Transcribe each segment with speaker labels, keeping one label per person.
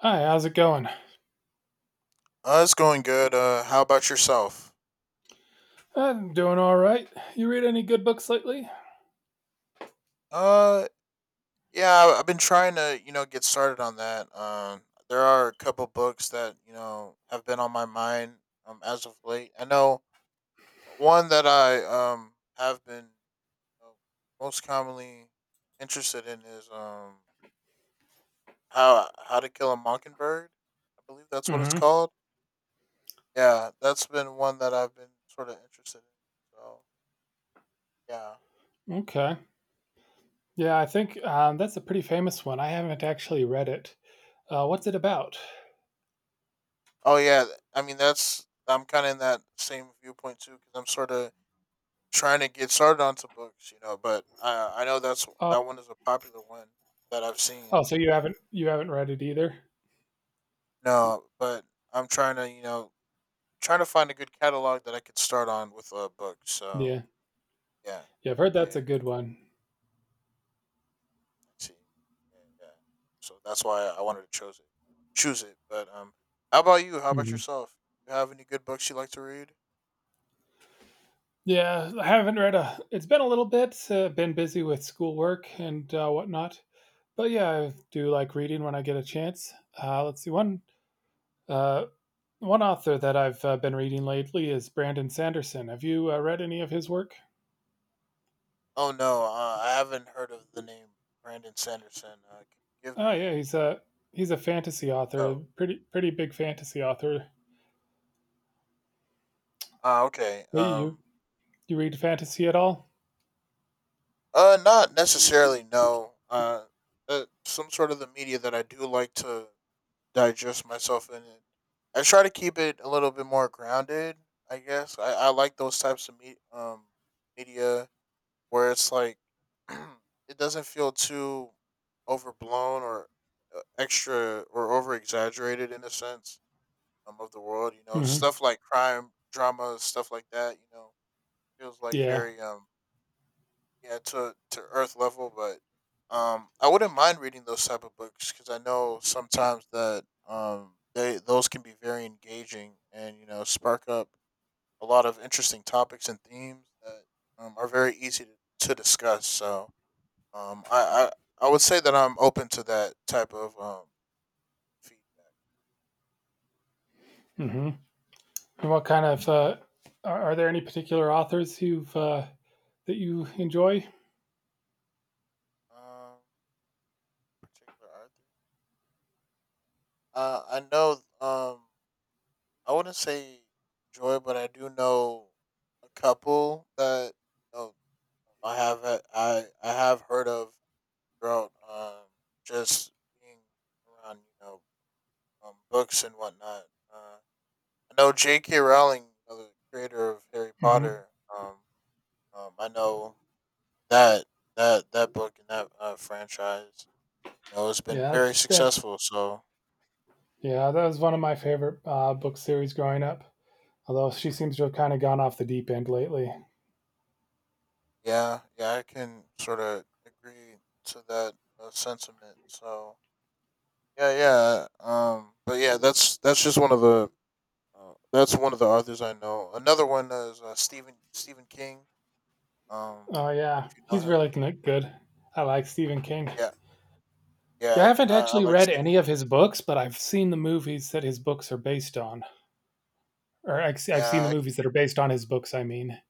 Speaker 1: Hi, how's it going?
Speaker 2: It's going good. How about yourself?
Speaker 1: I'm doing all right. You read any good books lately?
Speaker 2: Uh, yeah, I've been trying to, you know, get started on that. There are a couple books that you know have been on my mind as of late. I know one that I have been uh, most commonly interested in is how to kill a mockingbird. I believe that's what it's
Speaker 1: Mm-hmm.
Speaker 2: called. Yeah, that's been one that I've been sort of interested in. So yeah.
Speaker 1: Okay. Yeah, I think that's a pretty famous one. I haven't actually read it. What's it about?
Speaker 2: Oh yeah, I mean that's I'm kind of in that same viewpoint too because I'm sort of trying to get started onto books, you know. But I know that's
Speaker 1: Uh,
Speaker 2: that one is a popular one that I've seen.
Speaker 1: oh, so you haven't read it either?
Speaker 2: No, but I'm trying to you know trying to find a good catalog that I could start on with books. So
Speaker 1: Yeah.
Speaker 2: yeah,
Speaker 1: Yeah, I've heard
Speaker 2: yeah, yeah,
Speaker 1: that's a
Speaker 2: yeah.
Speaker 1: good
Speaker 2: I
Speaker 1: one.
Speaker 2: see. Yeah, yeah. So that's why I wanted to choose it. But how about you? How about
Speaker 1: Hmm.
Speaker 2: yourself? You have any good books you like to read?
Speaker 1: Yeah, I haven't read a. It's been a little bit. Been busy with schoolwork and whatnot. But yeah, I do like reading when I get a chance. Let's see one. Uh, One author that I've been reading lately is Brandon Sanderson. Have you read any of his work?
Speaker 2: Oh no, I haven't heard of the name Brandon Sanderson. Can you give
Speaker 1: Oh yeah,
Speaker 2: me?
Speaker 1: he's a fantasy author, a
Speaker 2: Oh,
Speaker 1: pretty big fantasy author.
Speaker 2: uh, okay.
Speaker 1: Hey, you read fantasy at all?
Speaker 2: Not necessarily. No. Some sort of the media that I do like to digest myself in it. I try to keep it a little bit more grounded. I guess I like those types of media where it's like it doesn't feel too overblown or extra or over exaggerated in a sense of the world. You know,
Speaker 1: Hmm.
Speaker 2: stuff like crime dramas, stuff like that. You know, feels like
Speaker 1: Yeah.
Speaker 2: very yeah to earth level, but I wouldn't mind reading those type of books because I know sometimes that they those can be very engaging and you know spark up a lot of interesting topics and themes that are very easy to discuss. So um I, I would say that I'm open to that type of feedback.
Speaker 1: Hmm. And what kind of are there any particular authors you've that you enjoy?
Speaker 2: Um, particular Arthur. I know. Um, I wouldn't say joy, but I do know a couple that you know, I have heard of throughout just being around you know books and whatnot. Uh, I know J.K. Rowling, you know, the creator of Harry
Speaker 1: Hmm.
Speaker 2: Potter. Um, I know that that book and that franchise, you know, has been
Speaker 1: Yeah, that's
Speaker 2: very
Speaker 1: that.
Speaker 2: successful. So
Speaker 1: Yeah, that was one of my favorite book series growing up. Although she seems to have kind of gone off the deep end lately.
Speaker 2: yeah, yeah, I can sort of agree to that sentiment. So yeah, yeah. But yeah, that's just one of the that's one of the authors I know. Another one is Stephen King. Um,
Speaker 1: Oh yeah,
Speaker 2: if you know
Speaker 1: he's
Speaker 2: him,
Speaker 1: really good. I like Stephen King.
Speaker 2: yeah,
Speaker 1: Yeah, I
Speaker 2: yeah.
Speaker 1: haven't
Speaker 2: I
Speaker 1: actually
Speaker 2: like
Speaker 1: read
Speaker 2: Stephen.
Speaker 1: any of his books, but I've seen the movies that his books are based on, or I've seen the
Speaker 2: Yeah, I,
Speaker 1: movies that are based on his books. I mean.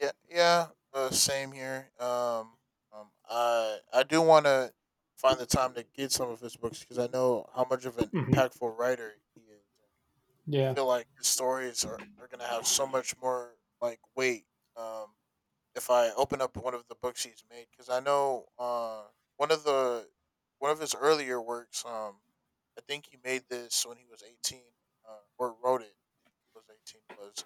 Speaker 2: yeah, yeah. Same here. I do want to find the time to get some of his books because I know how much of an
Speaker 1: Hmm.
Speaker 2: impactful writer he is. I
Speaker 1: Yeah.
Speaker 2: feel like his stories are gonna have so much more like weight. Um, if I open up one of the books he's made because I know one of the one of his earlier works. I think he made this when he was 18, or wrote it. When he was 18 was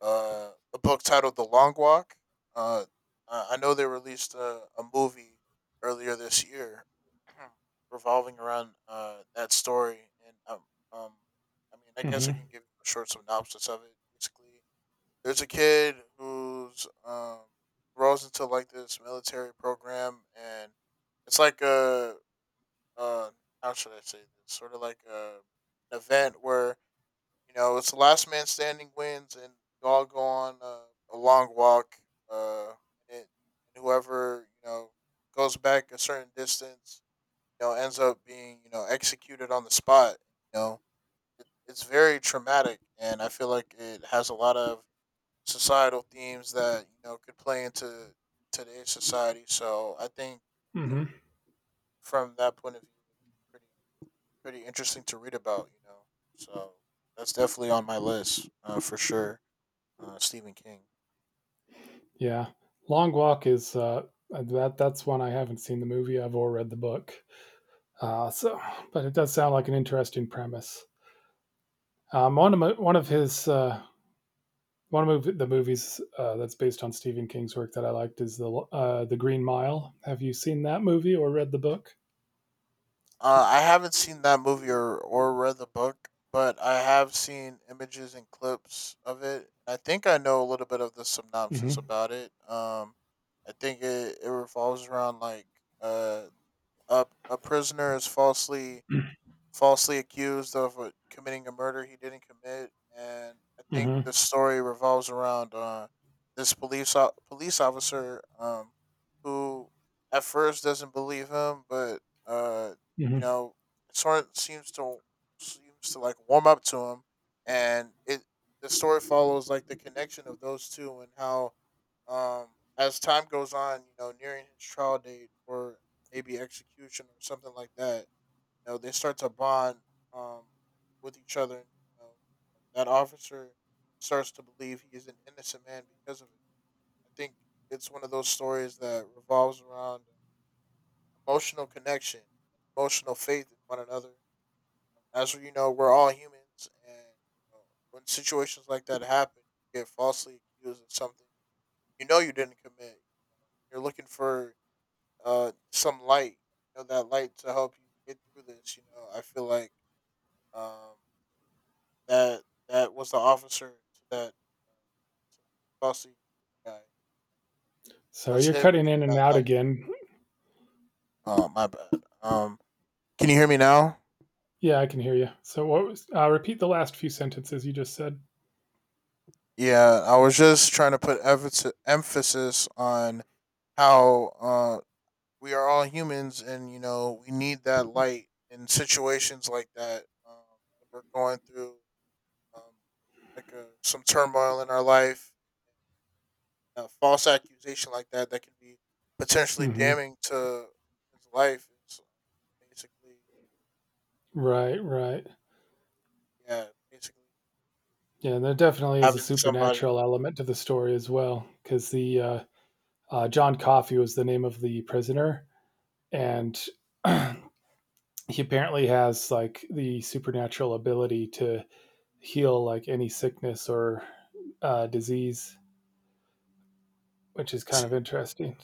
Speaker 2: a book titled The Long Walk. Uh, I know they released a movie earlier this year revolving around that story, and um, I mean, I guess I
Speaker 1: Hmm.
Speaker 2: can give you a short synopsis of it. Basically, there's a kid who's rolls into like this military program, and it's like a uh how should I say this? Sort of like a an event where you know it's the last man standing wins, and you all go on a long walk. Uh, and, it, and whoever you know goes back a certain distance, you know, ends up being you know executed on the spot. You know, it's very traumatic, and I feel like it has a lot of societal themes that you know could play into today's society. So I think you know,
Speaker 1: Hmm.
Speaker 2: from that point of view, pretty pretty interesting to read about. You know, so that's definitely on my list for sure. Stephen King.
Speaker 1: Yeah. Long Walk is that's one I haven't seen the movie of or read the book. So, but it does sound like an interesting premise. Um, one of my, one of his uh, the movies that's based on Stephen King's work that I liked is the Green Mile. Have you seen that movie or read the book?
Speaker 2: I haven't seen that movie or read the book, but I have seen images and clips of it. I think I know a little bit of the synopsis
Speaker 1: Hmm.
Speaker 2: about it. I think it revolves around like uh, a prisoner is falsely accused of committing a murder he didn't commit, and I think
Speaker 1: Hmm.
Speaker 2: the story revolves around this police officer who at first doesn't believe him, but uh,
Speaker 1: Hmm.
Speaker 2: you know, sort of seems to seems to like warm up to him, and it the story follows like the connection of those two and how um, as time goes on, you know, nearing his trial date or maybe execution or something like that you know, they start to bond um, with each other. And, you know, that officer starts to believe he is an innocent man because of it. I think it's one of those stories that revolves around emotional connection, emotional faith in one another. As we know, we're all humans, and you know, when situations like that happen, you get falsely accused of something you know you didn't commit. You're looking for some light, you know, that light to help you get through this. You know, I feel like um, that that was the officer to that to the bossy guy. It
Speaker 1: So
Speaker 2: was
Speaker 1: you're
Speaker 2: him
Speaker 1: cutting
Speaker 2: being
Speaker 1: in and
Speaker 2: that
Speaker 1: out
Speaker 2: light.
Speaker 1: again.
Speaker 2: Oh my bad. Can you hear me now?
Speaker 1: Yeah, I can hear you. So repeat the last few sentences you just said.
Speaker 2: Yeah, I was just trying to put emphasis on how we are all humans, and you know we need that light in situations like that when we're going through um, like some turmoil in our life. A false accusation like that can be potentially
Speaker 1: Hmm.
Speaker 2: damning to his life is basically
Speaker 1: Right, right.
Speaker 2: yeah basically
Speaker 1: Yeah, and there definitely is a
Speaker 2: having somebody
Speaker 1: supernatural element to the story as well, because the John Coffey was the name of the prisoner, and he apparently has like the supernatural ability to heal like any sickness or disease, which is kind
Speaker 2: see
Speaker 1: of interesting.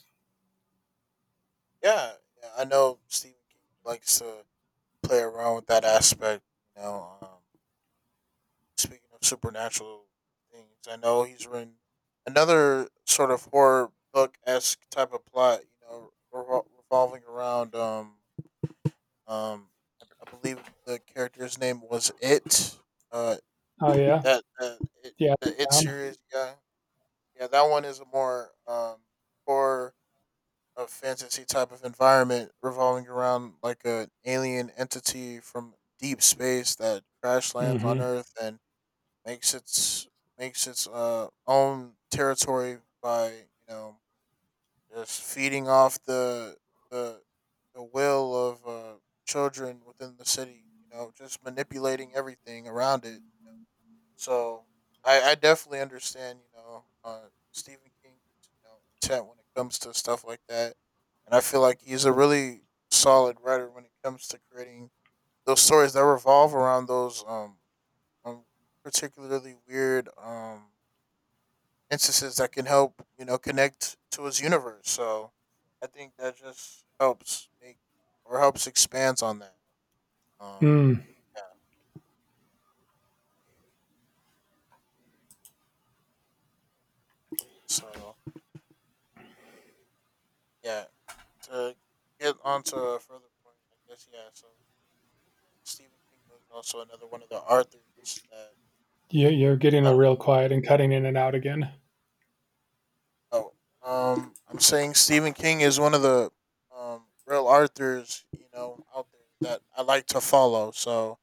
Speaker 2: yeah, yeah I know Stephen King likes to play around with that aspect you know speaking of supernatural things I know he's written another sort of horror book esque type of plot you know revolving around um I believe the character's name was it uh
Speaker 1: Oh yeah,
Speaker 2: That uh, it,
Speaker 1: yeah.
Speaker 2: the it
Speaker 1: Down.
Speaker 2: series, yeah, yeah, that one is a more horror a fantasy type of environment revolving around like an alien entity from deep space that crash lands on
Speaker 1: Mm-hmm.
Speaker 2: Earth and makes its makes its own territory by you know just feeding off the the will of children within the city. You know, just manipulating everything around it. So I definitely understand, you know, Stephen King's you know intent when it comes to stuff like that, and I feel like he's a really solid writer when it comes to creating those stories that revolve around those um particularly weird instances that can help you know connect to his universe. So I think that just helps make or helps expands on that. Um,
Speaker 1: Hmm.
Speaker 2: yeah, yeah. So yeah, to get on to a further point, I guess, yeah, so yeah, Stephen King was also another one of the authors that
Speaker 1: You're getting
Speaker 2: I
Speaker 1: a
Speaker 2: don't
Speaker 1: real quiet and cutting in and out again.
Speaker 2: know. I'm saying Stephen King is one of the real authors, you know, out there that I like to follow. So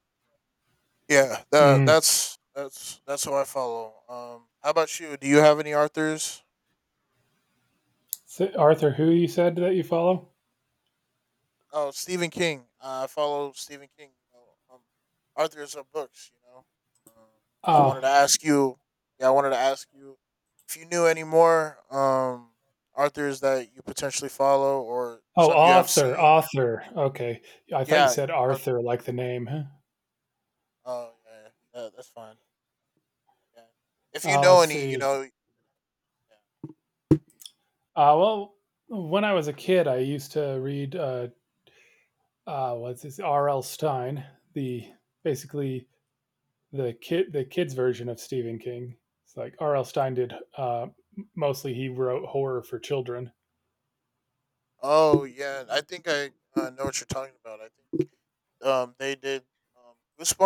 Speaker 2: yeah,
Speaker 1: Hmm.
Speaker 2: that's that's who I follow. How about you? Do you have any authors?
Speaker 1: So Arthur, who you said that you follow?
Speaker 2: Oh, Stephen King. I follow Stephen King. You know, Arthur's of books. You know, I wanted to
Speaker 1: Ah,
Speaker 2: ask you. Yeah, I wanted to ask you if you knew any more Arthur's that you potentially follow or
Speaker 1: oh,
Speaker 2: some you have
Speaker 1: author,
Speaker 2: seen.
Speaker 1: author. Okay, I thought you
Speaker 2: Yeah,
Speaker 1: said Arthur,
Speaker 2: Arthur.
Speaker 1: like the name. Huh?
Speaker 2: Oh yeah, yeah, yeah, that's fine. Yeah, if you know
Speaker 1: Let's
Speaker 2: any, you
Speaker 1: see.
Speaker 2: know. Yeah.
Speaker 1: Well, when I was a kid, I used to read what's this R.L. Stein, the basically the kids version of Stephen King. It's like R.L. Stein did mostly he wrote horror for children.
Speaker 2: Oh yeah, I think I know what you're talking about. I think they did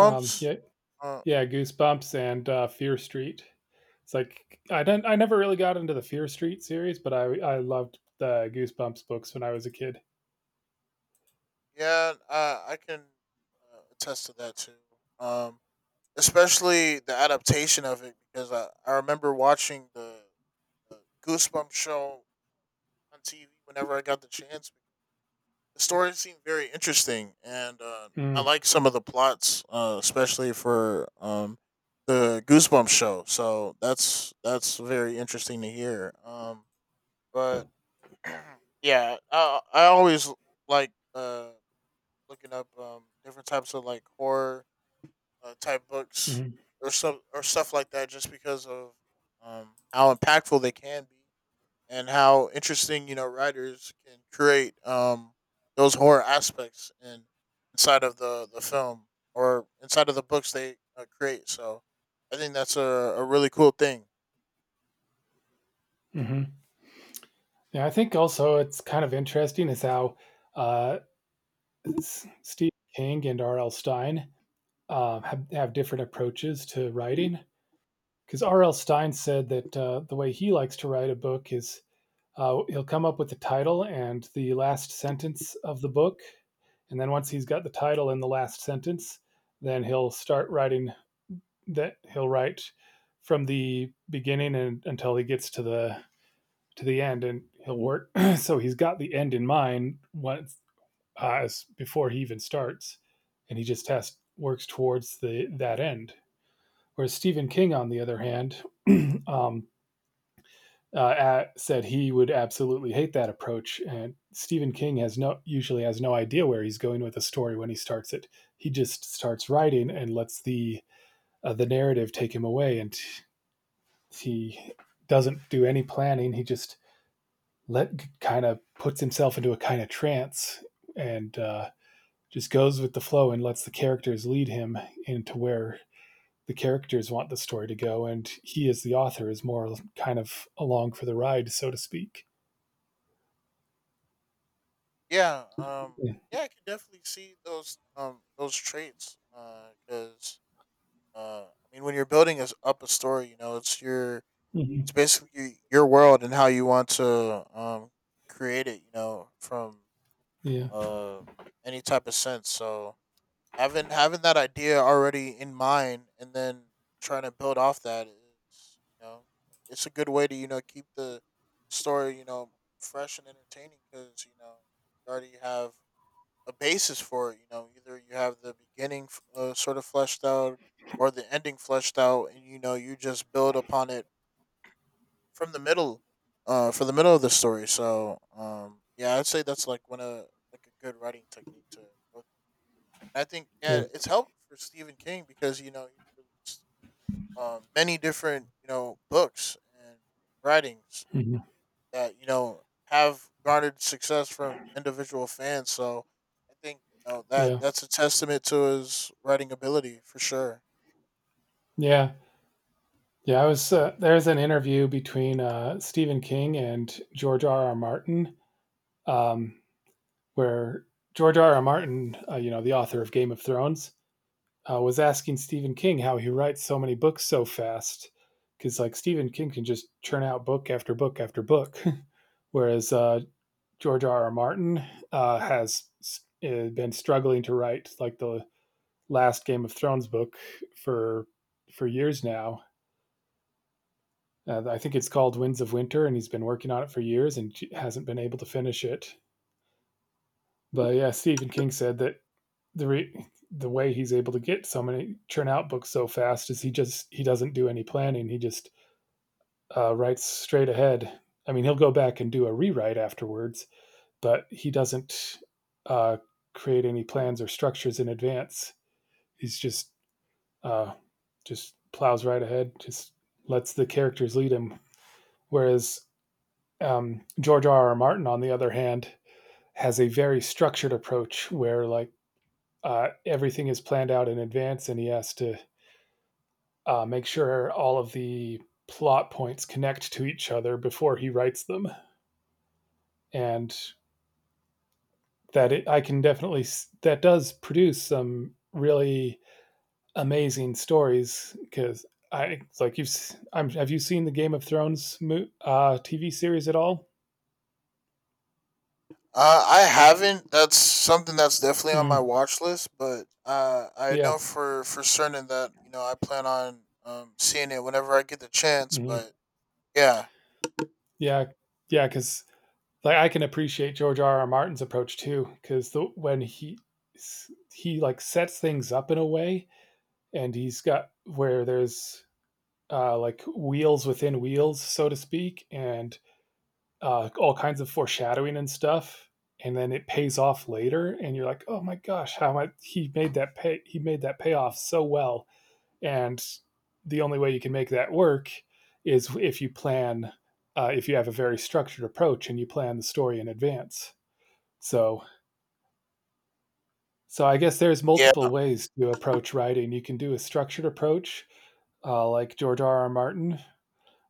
Speaker 1: Yeah,
Speaker 2: Uh,
Speaker 1: yeah, Goosebumps and Fear Street. It's like I never really got into the Fear Street series, but I loved the Goosebumps books when I was a kid.
Speaker 2: Yeah, I can attest to that too. Um, especially the adaptation of it because I remember watching the Goosebumps show on TV whenever I got the chance. The story seemed very interesting, and I
Speaker 1: Mm,
Speaker 2: like some of the plots, especially for the Goosebumps show. So that's very interesting to hear. But yeah, I always like. Looking up different types of like horror type books
Speaker 1: mm-hmm,
Speaker 2: or stuff like that, just because of how impactful they can be and how interesting you know writers can create those horror aspects in inside of the film or inside of the books they create. So I think that's a really cool thing.
Speaker 1: mm-hmm. Yeah, I think also it's kind of interesting is how uh, Steve King and R.L. Stein have different approaches to writing. Because R.L. Stein said that the way he likes to write a book is he'll come up with the title and the last sentence of the book. And then once he's got the title and the last sentence, then he'll start writing that he'll write from the beginning and until he gets to the end and he'll work so he's got the end in mind once uh, before he even starts, and he just has works towards the that end. Whereas Stephen King, on the other hand, um, said he would absolutely hate that approach, and Stephen King has no usually has no idea where he's going with a story when he starts it. He just starts writing and lets the narrative take him away, and he doesn't do any planning. He just let kind of puts himself into a kind of trance, and just goes with the flow and lets the characters lead him into where the characters want the story to go. And he, as the author, is more kind of along for the ride, so to speak.
Speaker 2: Yeah, um,
Speaker 1: Yeah,
Speaker 2: yeah, I can definitely see those traits because I mean, when you're building us up a story, it's your
Speaker 1: mm-hmm.
Speaker 2: it's basically your world and how you want to create it. You know, from
Speaker 1: Yeah,
Speaker 2: uh any type of sense. So having that idea already in mind and then trying to build off that is it's a good way to keep the story fresh and entertaining because you already have a basis for it. You know, either you have the beginning sort of fleshed out or the ending fleshed out, and you know you just build upon it from the middle, for the middle of the story. So, yeah, I'd say that's like one of like a good writing technique to go through. I think
Speaker 1: yeah,
Speaker 2: yeah, it's helped for Stephen King because you know he released many different you know books and writings
Speaker 1: mm-hmm.
Speaker 2: uh, that you know have garnered success from individual fans. So I think you know that
Speaker 1: Yeah,
Speaker 2: that's a testament to his writing ability for sure.
Speaker 1: yeah. Yeah, I was. There's an interview between Stephen King and George R. R. Martin um, where George R. R. Martin, the author of Game of Thrones, was asking Stephen King how he writes so many books so fast, because like Stephen King can just churn out book after book after book, whereas George R. R. Martin has been struggling to write like the last Game of Thrones book for for years now. I think it's called Winds of Winter, and he's been working on it for years and hasn't been able to finish it. But yeah, Stephen King said that the way he's able to get so many churn out books so fast is he doesn't do any planning. He just writes straight ahead. I mean, he'll go back and do a rewrite afterwards, but he doesn't uh, create any plans or structures in advance. He's uh, just plows right ahead, just lets the characters lead him. Whereas George R. R. Martin, on the other hand, has a very structured approach where everything is planned out in advance, and he has to make sure all of the plot points connect to each other before he writes them, and that it, I can definitely that does produce some really amazing stories. Because I like you've s- I'm, have you seen the Game of Thrones TV series at all?
Speaker 2: I haven't. That's something that's definitely on my
Speaker 1: Mm,
Speaker 2: watch list, but I
Speaker 1: yeah,
Speaker 2: know for certain that you know I plan on seeing it whenever I get the chance.
Speaker 1: mhm.
Speaker 2: But yeah,
Speaker 1: Yeah, yeah, because like I can appreciate George R. R. Martin's approach too, because when he like sets things up in a way, and he's got where there's like wheels within wheels, so to speak, and all kinds of foreshadowing and stuff. And then it pays off later, and you're like, "Oh my gosh, how much he made that pay? He made that payoff so well." And the only way you can make that work is if you have a very structured approach and you plan the story in advance. So, I guess there's multiple
Speaker 2: yeah.
Speaker 1: ways to approach writing. You can do a structured approach, like George R. R. Martin,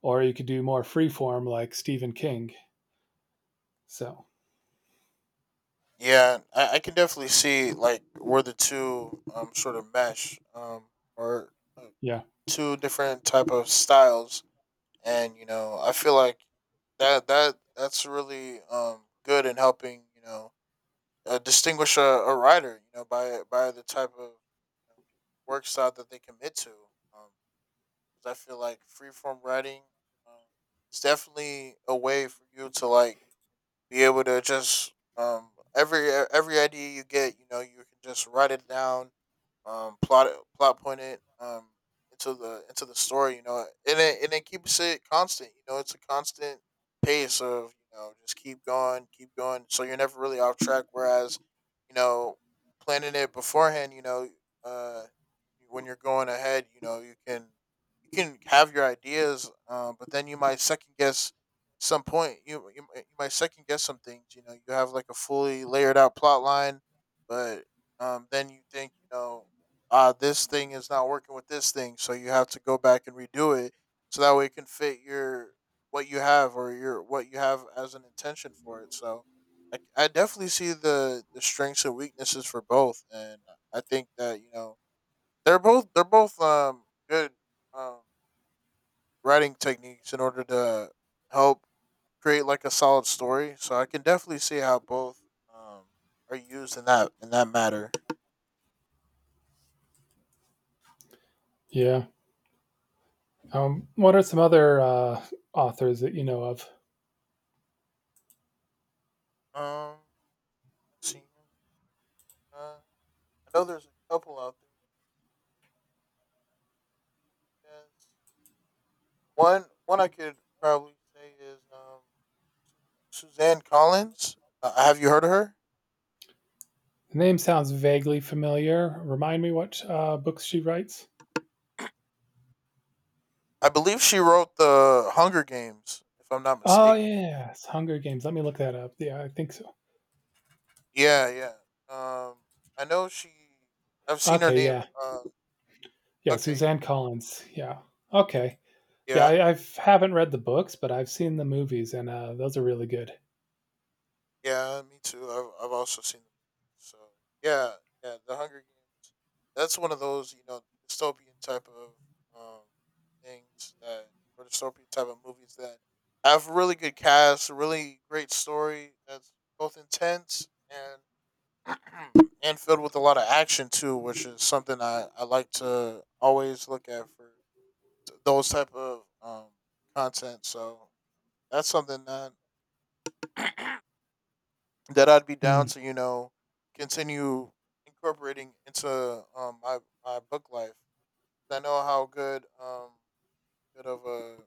Speaker 1: or you could do more free form like Stephen King. So
Speaker 2: Yeah, I can definitely see like where the two sort of mesh or uh,
Speaker 1: yeah,
Speaker 2: two different type of styles, and you know I feel like that's really good in helping you know distinguish a writer you know by the type of work style that they commit to. Um, 'Cause I feel like free form writing um, is definitely a way for you to like be able to just every every idea you get, you know, you can just write it down, plot it, plot point it into the story. You know, and it keeps it constant. You know, it's a constant pace of you know just keep going, keep going. So you're never really off track. Whereas, you know, planning it beforehand, you know, uh, when you're going ahead, you know, you can have your ideas, but then you might second guess some point you might second guess some things. You know, you have like a fully layered out plot line, but then you think you know, this thing is not working with this thing, so you have to go back and redo it so that way it can fit your what you have or your what you have as an intention for it. So I definitely see the strengths and weaknesses for both, and I think that you know they're both good um writing techniques in order to help create like a solid story. So I can definitely see how both um, are used in that matter.
Speaker 1: yeah. What are some other authors that you know of?
Speaker 2: Um, let's see. Uh, I know there's a couple out there. Yes. One I could probably say is Suzanne Collins. Have you heard of her?
Speaker 1: The name sounds vaguely familiar. Remind me what books she writes.
Speaker 2: I believe she wrote the Hunger Games, if I'm not
Speaker 1: Oh
Speaker 2: mistaken.
Speaker 1: yes, Hunger Games. Let me look that up. Yeah, I think so.
Speaker 2: Yeah, yeah. Um, I know she. I've seen her
Speaker 1: Okay,
Speaker 2: name.
Speaker 1: yeah,
Speaker 2: Uh,
Speaker 1: yeah.
Speaker 2: okay,
Speaker 1: Suzanne Collins. Yeah. Okay. Yeah,
Speaker 2: yeah.
Speaker 1: I haven't read the books, but I've seen the movies, and those are really good.
Speaker 2: Yeah, me too. I've also seen the movie. So yeah, yeah, The Hunger Games. That's one of those you know dystopian type of um things that or dystopian type of movies that have really good cast, a really great story that's both intense and and filled with a lot of action too, which is something I like to always look at for those type of content. So that's something that that I'd be down
Speaker 1: Hmm.
Speaker 2: to, you know, continue incorporating into my, my book life. I know how good good of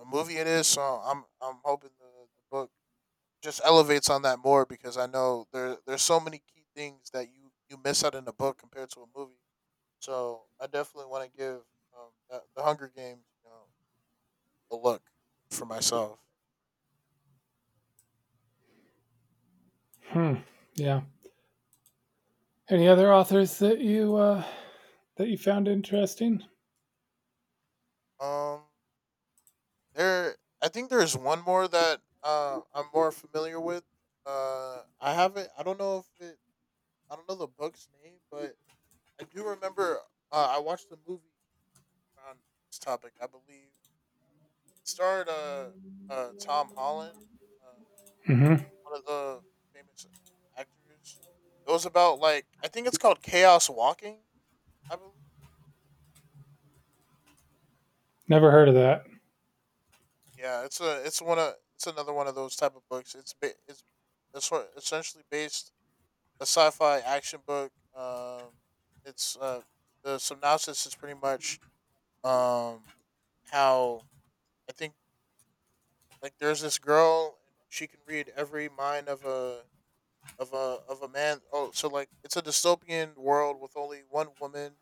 Speaker 2: a movie it is, so I'm hoping the book just elevates on that more because I know there's so many key things that you miss out in a book compared to a movie. So I definitely want to give the Hunger Games you know a look for myself.
Speaker 1: Hmm. Yeah. Any other authors that you found interesting?
Speaker 2: Yeah. Um, there, I think there's one more that I'm more familiar with. I haven't. I don't know if it. I don't know the book's name, but I do remember. I watched the movie on this topic. I believe it starred Tom Holland, uh,
Speaker 1: Hmm.
Speaker 2: one of the famous actors. It was about like I think it's called Chaos Walking. I believe.
Speaker 1: Never heard of that.
Speaker 2: Yeah, it's a. It's one of. It's another one of those type of books. It's essentially based a sci-fi action book. It's the synopsis is pretty much um how I think like there's this girl and she can read every mind of a of a of a man. Oh, so like it's a dystopian world with only one woman.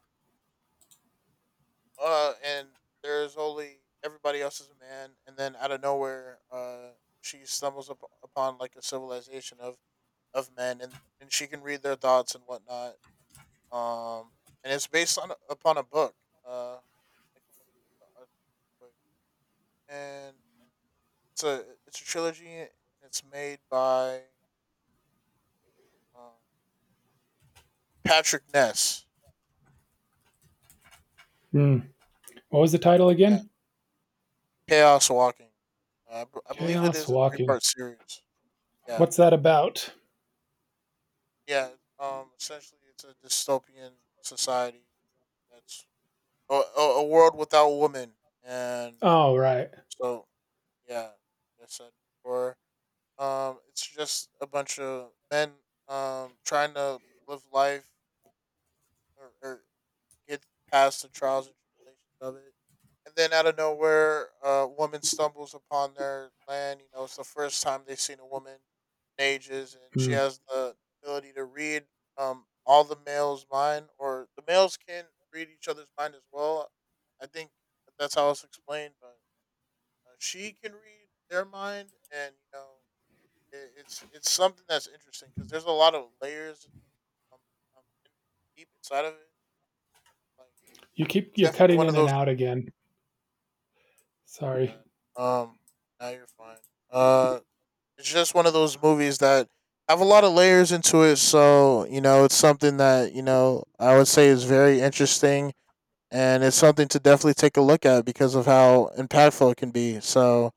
Speaker 2: And there's only everybody else is a man, and then out of nowhere, she stumbles up upon like a civilization of men, and she can read their thoughts and whatnot, um, and it's based on upon a book. Uh, I can look at the author quick. And it's a trilogy, and it's made by um, Patrick Ness.
Speaker 1: Hmm. What was the title
Speaker 2: Yeah,
Speaker 1: again?
Speaker 2: Chaos Walking. I believe it
Speaker 1: Chaos
Speaker 2: is a three
Speaker 1: Walking.
Speaker 2: part series. Yeah,
Speaker 1: What's that about?
Speaker 2: yeah. Essentially, it's a dystopian society that's a world without women, and
Speaker 1: Oh, right.
Speaker 2: so yeah, as I said before. It's just a bunch of men trying to live life or get past the trials and tribulations of it. And then out of nowhere, a woman stumbles upon their land. You know, it's the first time they've seen a woman in ages, and she
Speaker 1: Hmm.
Speaker 2: has the ability to read all the males' mind, or the males can read each other's mind as well. I think that's how it's explained, but she can read their mind, and you know it's something that's interesting because there's a lot of layers um, um, in- deep inside of it. Like
Speaker 1: You keep
Speaker 2: it's
Speaker 1: you're
Speaker 2: definitely
Speaker 1: cutting
Speaker 2: one
Speaker 1: in
Speaker 2: of
Speaker 1: and
Speaker 2: those.
Speaker 1: out again. Sorry.
Speaker 2: Um, now you're fine. Uh, it's just one of those movies that have a lot of layers into it. So you know, it's something that you know I would say is very interesting, and it's something to definitely take a look at because of how impactful it can be. So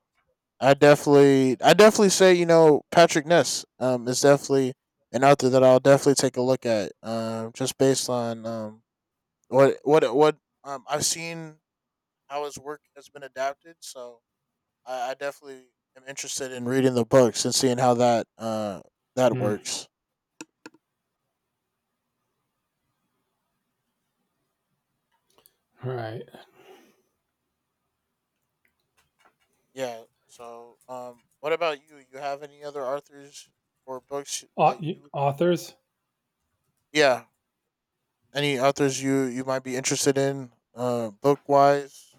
Speaker 2: I definitely say you know Patrick Ness is definitely an author that I'll definitely take a look at. Just based on what I've seen how his work has been adapted, so I definitely am interested in reading the books and seeing how that that
Speaker 1: Hmm.
Speaker 2: works.
Speaker 1: All right.
Speaker 2: Yeah. So what about you? You have any other authors or books that you?
Speaker 1: Authors.
Speaker 2: Yeah. Any authors you might be interested in? Book wise.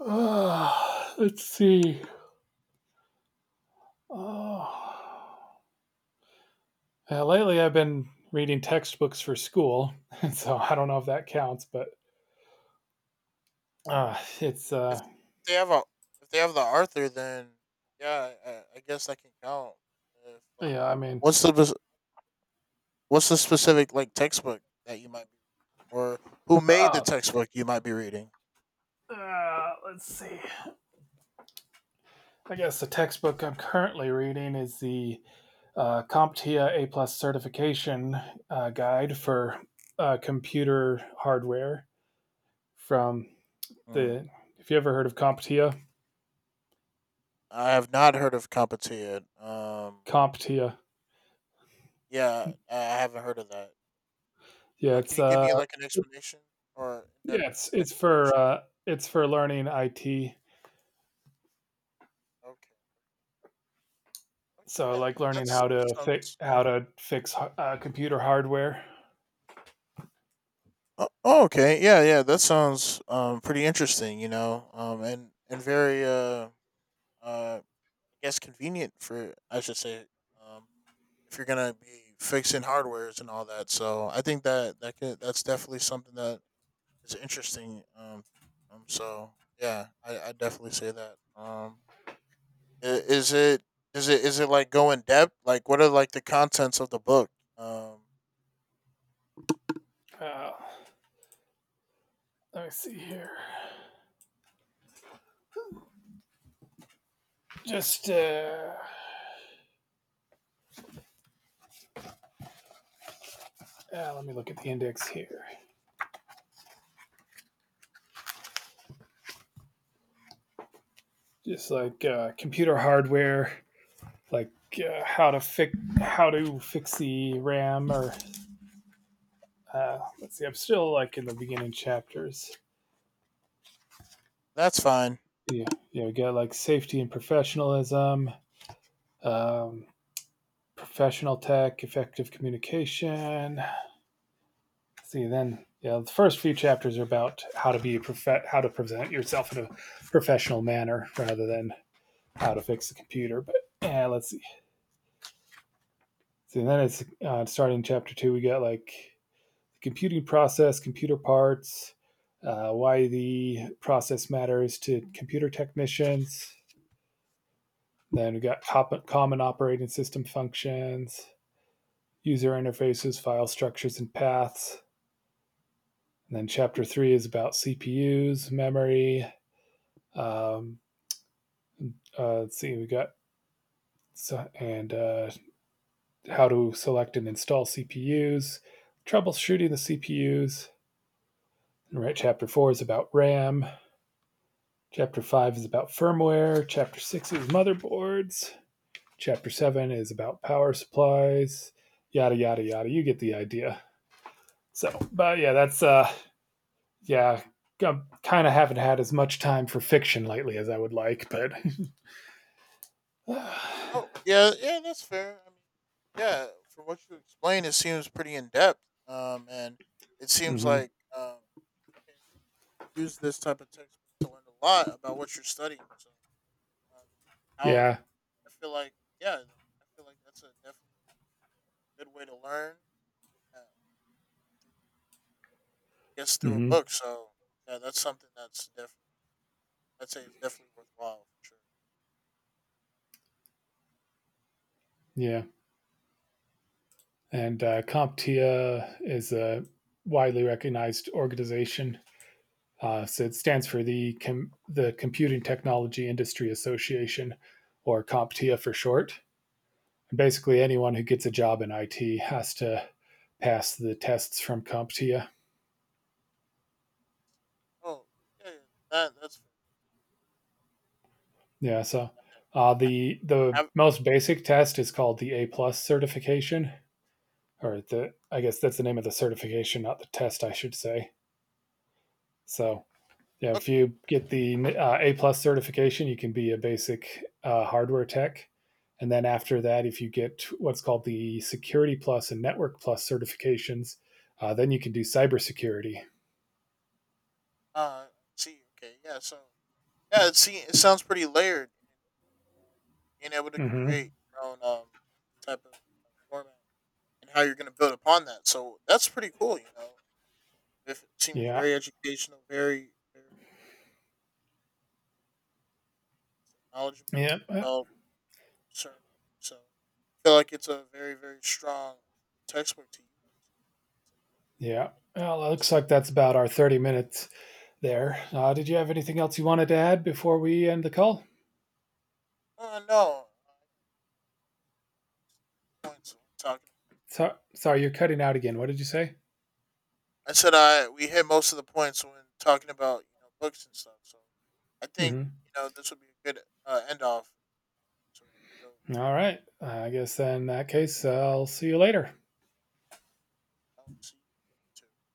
Speaker 1: Ah, let's see. Oh. Yeah, lately I've been reading textbooks for school, so I don't know if that counts, but it's
Speaker 2: If they have a, if they have the Arthur, then yeah, I guess that can count. If like,
Speaker 1: yeah. I mean,
Speaker 2: what's the bes- what's the specific like textbook that you might be, or who made the
Speaker 1: uh,
Speaker 2: textbook you might be reading?
Speaker 1: let's see. I guess the textbook I'm currently reading is the CompTIA A+ certification guide for computer hardware from
Speaker 2: Hmm.
Speaker 1: the. If you ever heard of CompTIA,
Speaker 2: I have not heard of Kapatia.
Speaker 1: CompTIA,
Speaker 2: Yeah, I haven't heard of that.
Speaker 1: yeah,
Speaker 2: Can
Speaker 1: it's
Speaker 2: you give
Speaker 1: uh,
Speaker 2: me like an explanation or in-depth
Speaker 1: yeah,
Speaker 2: explanation?
Speaker 1: it's for learning IT.
Speaker 2: Okay. Okay.
Speaker 1: So
Speaker 2: Yeah.
Speaker 1: like
Speaker 2: Yeah.
Speaker 1: learning
Speaker 2: That's that sounds.
Speaker 1: how to fix computer hardware.
Speaker 2: Oh, oh, okay. Yeah. Yeah. That sounds pretty interesting. You know. And very I guess convenient for I should say um if you're gonna be fixing hardwares and all that. So I think that that could that's definitely something that is interesting. So yeah, I definitely say that. Is it is it like go in depth? Like, what are like the contents of the book? Um,
Speaker 1: Uh, Let me see here. Just Let me look at the index here. Just like computer hardware like how to fix the RAM or let's see. I'm still like in the beginning chapters.
Speaker 2: that's fine.
Speaker 1: Yeah, yeah. We got like safety and professionalism, um, professional tech, effective communication. Let's see, then yeah, the first few chapters are about how to be how to present yourself in a professional manner rather than how to fix the computer. But yeah, let's see. See, then it's starting chapter two. We got like the computing process, computer parts, why the process matters to computer technicians. Then we got common operating system functions, user interfaces, file structures, and paths. And then chapter three is about CPUs, memory. Um, let's see, we got so, and how to select and install CPUs, troubleshooting the CPUs. And right, chapter four is about RAM. Chapter 5 is about firmware. Chapter 6 is motherboards. Chapter 7 is about power supplies. Yada, yada, yada. You get the idea. So, but yeah, yeah, kind of haven't had as much time for fiction lately as I would like, but
Speaker 2: Oh yeah, yeah, that's fair. I mean, yeah, from what you explained, it seems pretty in depth. And it seems
Speaker 1: Hmm.
Speaker 2: like you can use this type of textbook to learn a lot about what you're studying. So, um, how
Speaker 1: Yeah.
Speaker 2: I feel like yeah, I feel like that's a definitely good way to learn. Uh, gets through a
Speaker 1: Hmm.
Speaker 2: book. So yeah, that's something that's definitely I'd say it's definitely worthwhile for sure.
Speaker 1: Yeah. And CompTIA is a widely recognized organization. So it stands for the Computing Technology Industry Association, or CompTIA for short. And basically, anyone who gets a job in IT has to pass the tests from CompTIA.
Speaker 2: Oh yeah, yeah, that that's fair.
Speaker 1: Yeah, so
Speaker 2: Yeah.
Speaker 1: the
Speaker 2: Ha- Have
Speaker 1: most basic test is called the A+ certification, or the I guess that's the name of the certification, not the test, I should say. So yeah,
Speaker 2: look,
Speaker 1: if you get the A+ certification, you can be a basic hardware tech, and then after that, if you get what's called the Security+ and Network+ certifications, then you can do cybersecurity.
Speaker 2: uh, see, okay, yeah. So yeah, it see, it sounds pretty layered and being able to
Speaker 1: Mm-hmm.
Speaker 2: create your own type of format and how you're going to build upon that. So that's pretty cool, you know. If it seems
Speaker 1: Yeah,
Speaker 2: very educational, very very knowledgeable
Speaker 1: yeah,
Speaker 2: about certain, so I feel like it's a very very strong textbook to use.
Speaker 1: yeah. Well, it looks like that's about our 30 minutes there. Did you have anything else you wanted to add before we end the call?
Speaker 2: No. Points when talking.
Speaker 1: So, sorry, you're cutting out again. What did you say?
Speaker 2: I said I we hit most of the points when talking about you know books and stuff. So I think
Speaker 1: Mm-hmm.
Speaker 2: you know this would be a good end off. So we can go.
Speaker 1: All right. I guess in that case, I'll see you later.
Speaker 2: Uh, I'll see you too.